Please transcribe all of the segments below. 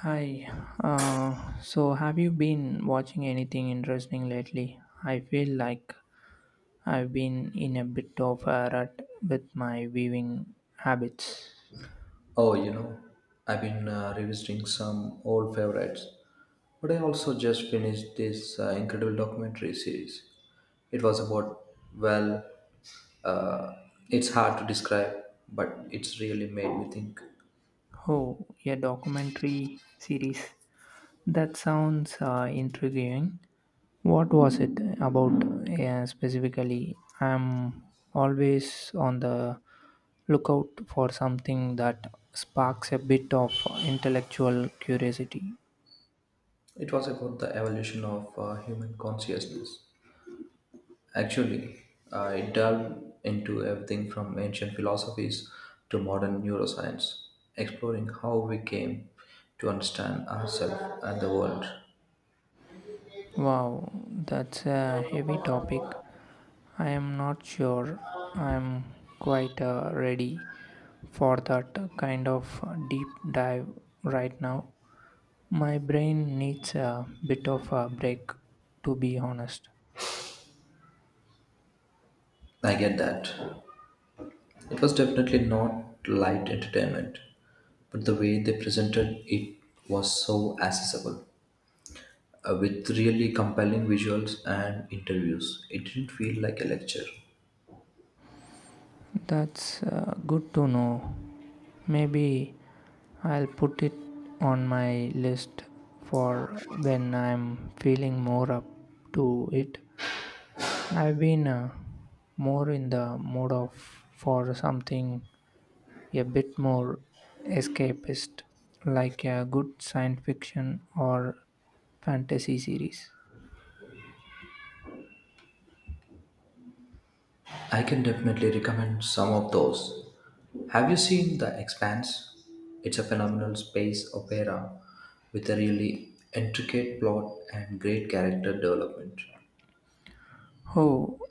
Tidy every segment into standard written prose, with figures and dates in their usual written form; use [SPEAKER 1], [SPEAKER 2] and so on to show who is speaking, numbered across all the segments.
[SPEAKER 1] Hi. Uh, so, have you been watching anything interesting lately? I feel like I've been in a bit of a rut with my viewing habits.
[SPEAKER 2] Oh, you know, I've been revisiting some old favorites, but I also just finished this incredible documentary series. It was about, well, uh, it's hard to describe, but it's really made me think.
[SPEAKER 1] Oh, a documentary series. That sounds intriguing. What was it about specifically? I'm always on the lookout for something that sparks a bit of intellectual curiosity.
[SPEAKER 2] It was about the evolution of human consciousness. Actually, it delved into everything from ancient philosophies to modern neuroscience, exploring how we came to understand ourselves and the world.
[SPEAKER 1] Wow, that's a heavy topic. I am not sure I'm quite ready for that kind of deep dive right now. My brain needs a bit of a break, to be honest.
[SPEAKER 2] I get that. It was definitely not light entertainment, but the way they presented it was so accessible, with really compelling visuals and interviews. It didn't feel like a lecture.
[SPEAKER 1] That's good to know. Maybe I'll put it on my list for when I'm feeling more up to it. I've been more in the mood of for something a bit more escapist, like a good science fiction or fantasy series.
[SPEAKER 2] I can definitely recommend some of those. Have you seen The Expanse? It's a phenomenal space opera with a really intricate plot and great character development.
[SPEAKER 1] Oh,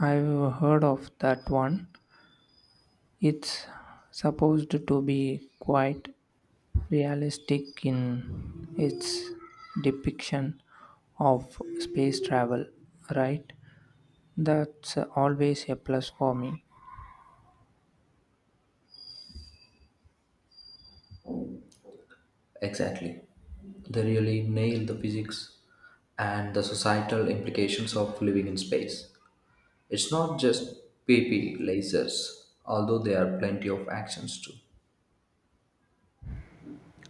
[SPEAKER 1] I've heard of that one. It's supposed to be quite realistic in its depiction of space travel, right? That's always a plus for me.
[SPEAKER 2] Exactly. They really nail the physics and the societal implications of living in space. It's not just PP lasers, although there are plenty of actions too.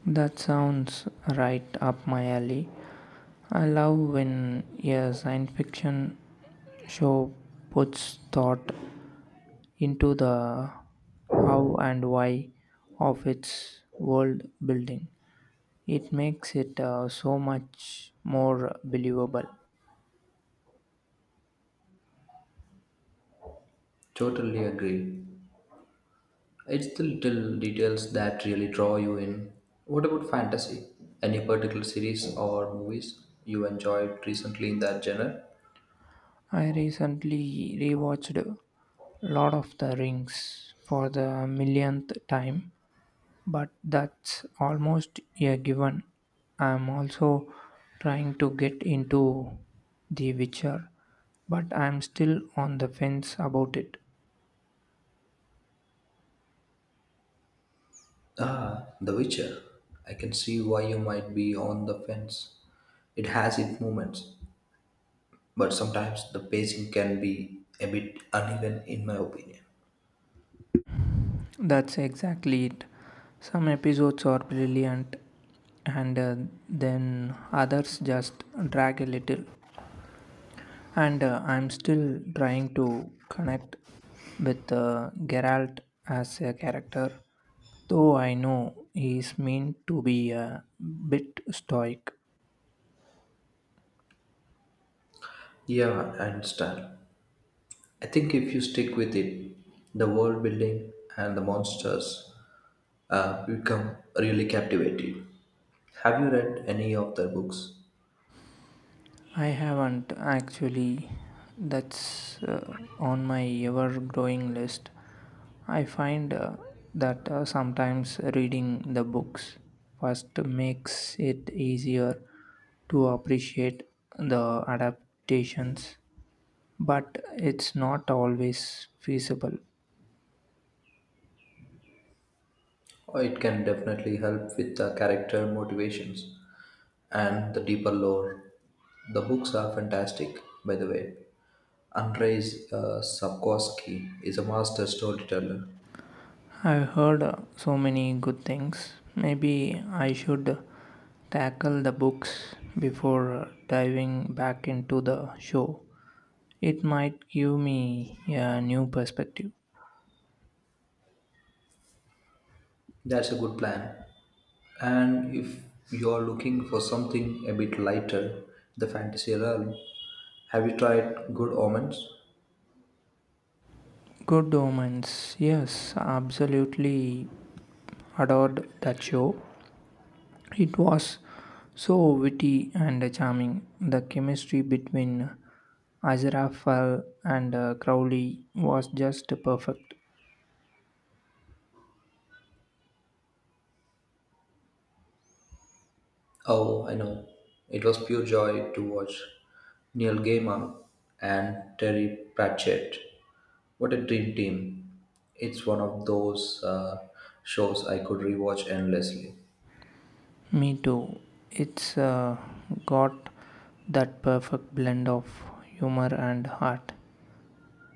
[SPEAKER 1] That sounds right up my alley. I love when a science fiction show puts thought into the how and why of its world building. It makes it so much more believable.
[SPEAKER 2] Totally agree. It's the little details that really draw you in. What about fantasy? Any particular series or movies you enjoyed recently in that genre?
[SPEAKER 1] I recently rewatched Lord of the Rings for the millionth time, but that's almost a given. I'm also trying to get into The Witcher, but I'm still on the fence about it.
[SPEAKER 2] Ah, The Witcher. I can see why you might be on the fence. It has its moments, but sometimes the pacing can be a bit uneven, in my opinion.
[SPEAKER 1] That's exactly it. Some episodes are brilliant, and then others just drag a little. And I'm still trying to connect with Geralt as a character. Though I know he's meant to be a bit stoic,
[SPEAKER 2] Yeah, I understand. I think if you stick with it, the world building and the monsters become really captivating. Have you read any of their books?
[SPEAKER 1] I haven't actually. That's on my ever growing list. I find that sometimes reading the books first makes it easier to appreciate the adaptations, but it's not always feasible.
[SPEAKER 2] Oh, it can definitely help with the character motivations and the deeper lore. The books are fantastic, by the way. Andrei Sapkowski is a master storyteller.
[SPEAKER 1] I've heard so many good things. Maybe I should tackle the books before diving back into the show. It might give me a new perspective.
[SPEAKER 2] That's a good plan. And if you're looking for something a bit lighter, the fantasy realm, have you tried Good Omens?
[SPEAKER 1] Good Omens. Yes, absolutely adored that show. It was so witty and charming. The chemistry between Aziraphale and Crowley was just perfect.
[SPEAKER 2] Oh, I know. It was pure joy to watch Neil Gaiman and Terry Pratchett. What a dream team. It's one of those shows I could rewatch endlessly.
[SPEAKER 1] Me too. It's got that perfect blend of humor and heart.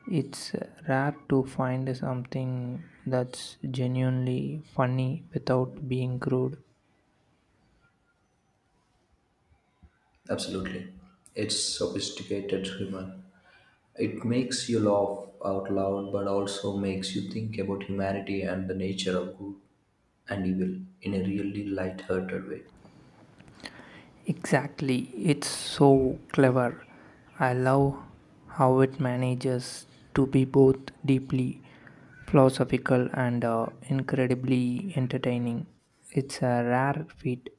[SPEAKER 1] It's rare to find something that's genuinely funny without being crude.
[SPEAKER 2] Absolutely. It's sophisticated humor. It makes you laugh out loud but also makes you think about humanity and the nature of good and evil in a really light-hearted way.
[SPEAKER 1] Exactly. It's so clever. I love how it manages to be both deeply philosophical and incredibly entertaining. It's a rare feat.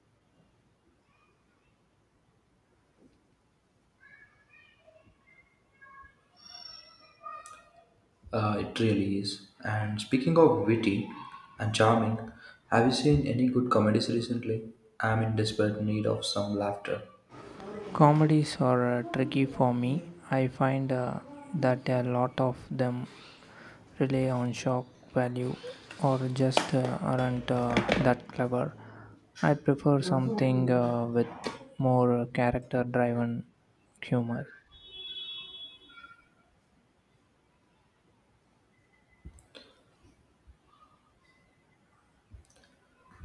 [SPEAKER 2] It really is. And speaking of witty and charming, have you seen any good comedies recently? I'm in desperate need of some laughter.
[SPEAKER 1] Comedies are tricky for me. I find that a lot of them rely on shock value or just aren't that clever. I prefer something with more character driven humor.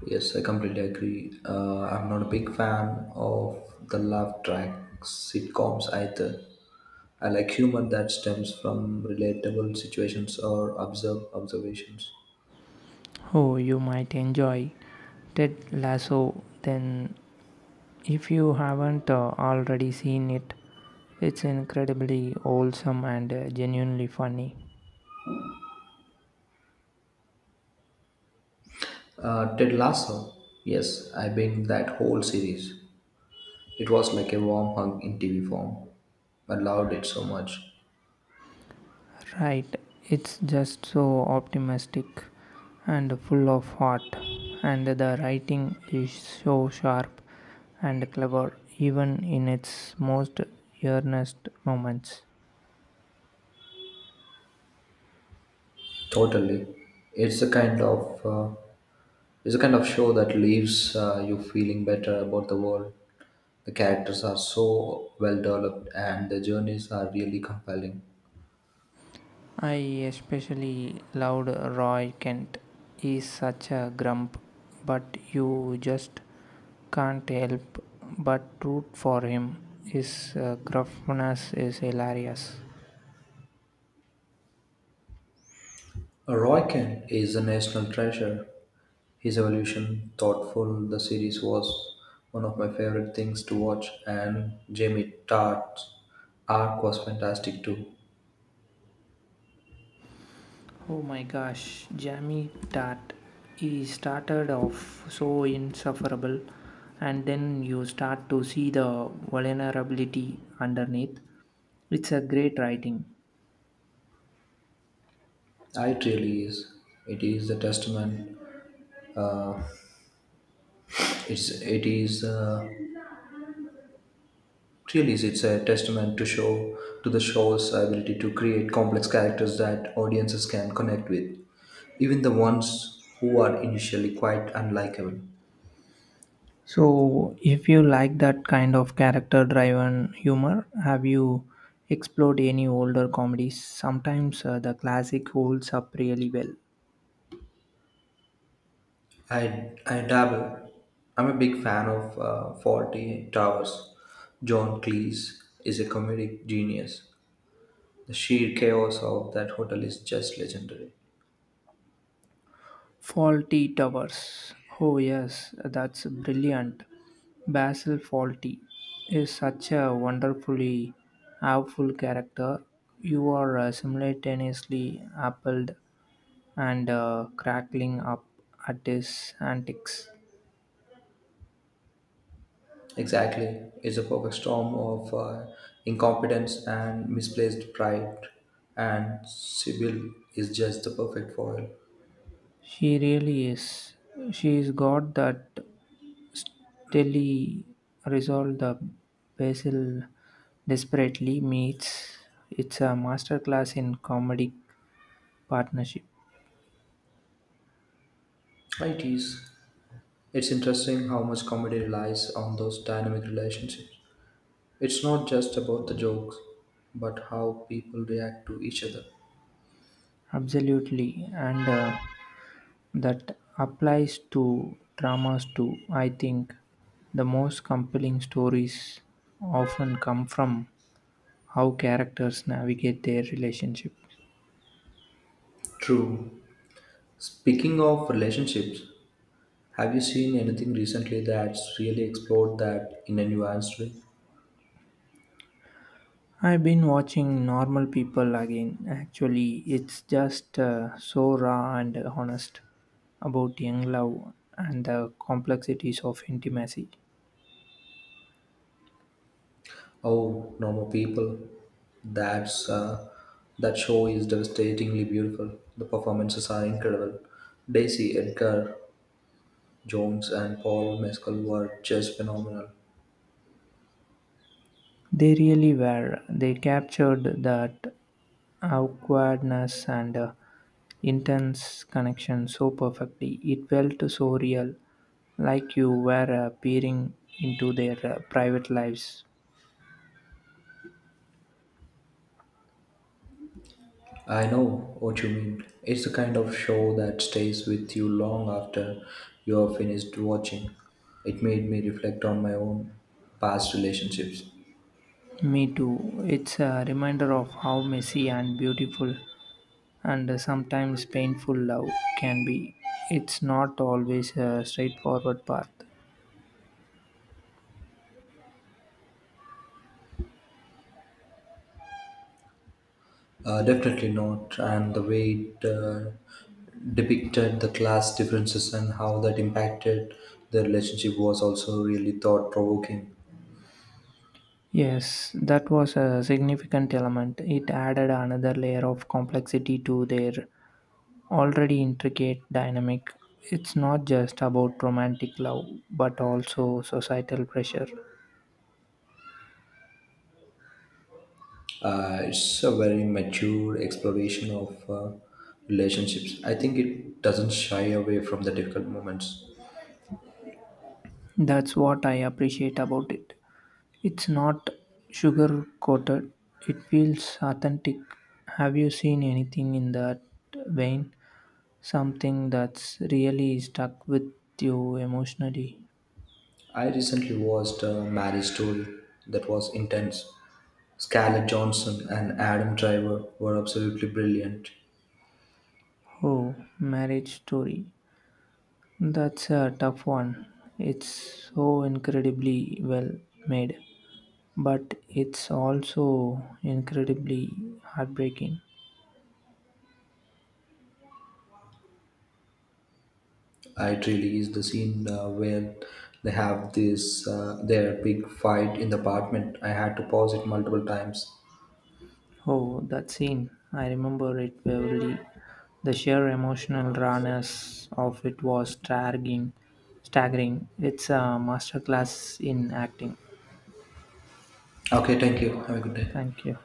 [SPEAKER 2] Yes, I completely agree. I'm not a big fan of the laugh track sitcoms either. I like humor that stems from relatable situations or observe observations.
[SPEAKER 1] Oh, you might enjoy Ted Lasso then if you haven't already seen it. It's incredibly wholesome and genuinely funny.
[SPEAKER 2] Ted Lasso, yes, I binged that whole series. It was like a warm hug in TV form. I loved it so much.
[SPEAKER 1] Right, it's just so optimistic and full of heart, and the writing is so sharp and clever, even in its most earnest moments.
[SPEAKER 2] Totally, it's a kind of uh, it's a kind of show that leaves you feeling better about the world. The characters are so well developed, and the journeys are really compelling.
[SPEAKER 1] I especially loved Roy Kent. He's such a grump, but you just can't help but root for him. His gruffness is hilarious.
[SPEAKER 2] Roy Kent is a national treasure. His evolution, thoughtful, the series was one of my favorite things to watch, and Jamie Tartt's arc was fantastic too.
[SPEAKER 1] Oh my gosh, Jamie Tart. He started off so insufferable, and then you start to see the vulnerability underneath. It's a great writing.
[SPEAKER 2] It really is. It is a testament. Uh, it's it is really is. It's a testament to the show's ability to create complex characters that audiences can connect with, even the ones who are initially quite unlikable.
[SPEAKER 1] So, if you like that kind of character driven humor, have you explored any older comedies? Sometimes the classic holds up really well.
[SPEAKER 2] I dabble. I'm a big fan of Faulty Towers. John Cleese is a comedic genius. The sheer chaos of that hotel is just legendary.
[SPEAKER 1] Faulty Towers. Oh, yes, that's brilliant. Basil Faulty is such a wonderfully awful character. You are simultaneously appalled and crackling up at his antics.
[SPEAKER 2] Exactly, it's a perfect storm of incompetence and misplaced pride, and Sybil is just the perfect foil.
[SPEAKER 1] She really is. She's got that telly resolve the Basil desperately meets. It's a masterclass in comedic partnership.
[SPEAKER 2] It is. It's interesting how much comedy relies on those dynamic relationships. It's not just about the jokes, but how people react to each other.
[SPEAKER 1] Absolutely, and that applies to dramas too. I think the most compelling stories often come from how characters navigate their relationships.
[SPEAKER 2] True. Speaking of relationships, have you seen anything recently that's really explored that in a nuanced way?
[SPEAKER 1] I've been watching Normal People again. Actually, it's just so raw and honest about young love and the complexities of intimacy.
[SPEAKER 2] Oh, normal people. That's uh, that show is devastatingly beautiful. The performances are incredible. Daisy Edgar Jones and Paul Mescal were just phenomenal.
[SPEAKER 1] They really were. They captured that awkwardness and intense connection so perfectly. It felt so real, like you were peering into their private lives.
[SPEAKER 2] I know what you mean. It's the kind of show that stays with you long after you are finished watching. It made me reflect on my own past relationships.
[SPEAKER 1] Me too. It's a reminder of how messy and beautiful and sometimes painful love can be. It's not always a straightforward path.
[SPEAKER 2] Definitely not. And the way it depicted the class differences and how that impacted the relationship was also really thought provoking.
[SPEAKER 1] Yes, that was a significant element. It added another layer of complexity to their already intricate dynamic. It's not just about romantic love, but also societal pressure.
[SPEAKER 2] It's a very mature exploration of relationships. I think it doesn't shy away from the difficult moments.
[SPEAKER 1] That's what I appreciate about it. It's not sugar coated, it feels authentic. Have you seen anything in that vein? Something that's really stuck with you emotionally?
[SPEAKER 2] I recently watched a marriage story that was intense. Scarlett Johnson and Adam Driver were absolutely brilliant.
[SPEAKER 1] Oh, Marriage Story. That's a tough one. It's so incredibly well made, but it's also incredibly heartbreaking.
[SPEAKER 2] It really is the scene where they have this their big fight in the apartment. I had to pause it multiple times.
[SPEAKER 1] Oh, that scene. I remember it vividly. The sheer emotional rawness of it was staggering. Staggering. It's a masterclass in acting.
[SPEAKER 2] Okay, thank you. Have a good day.
[SPEAKER 1] Thank you.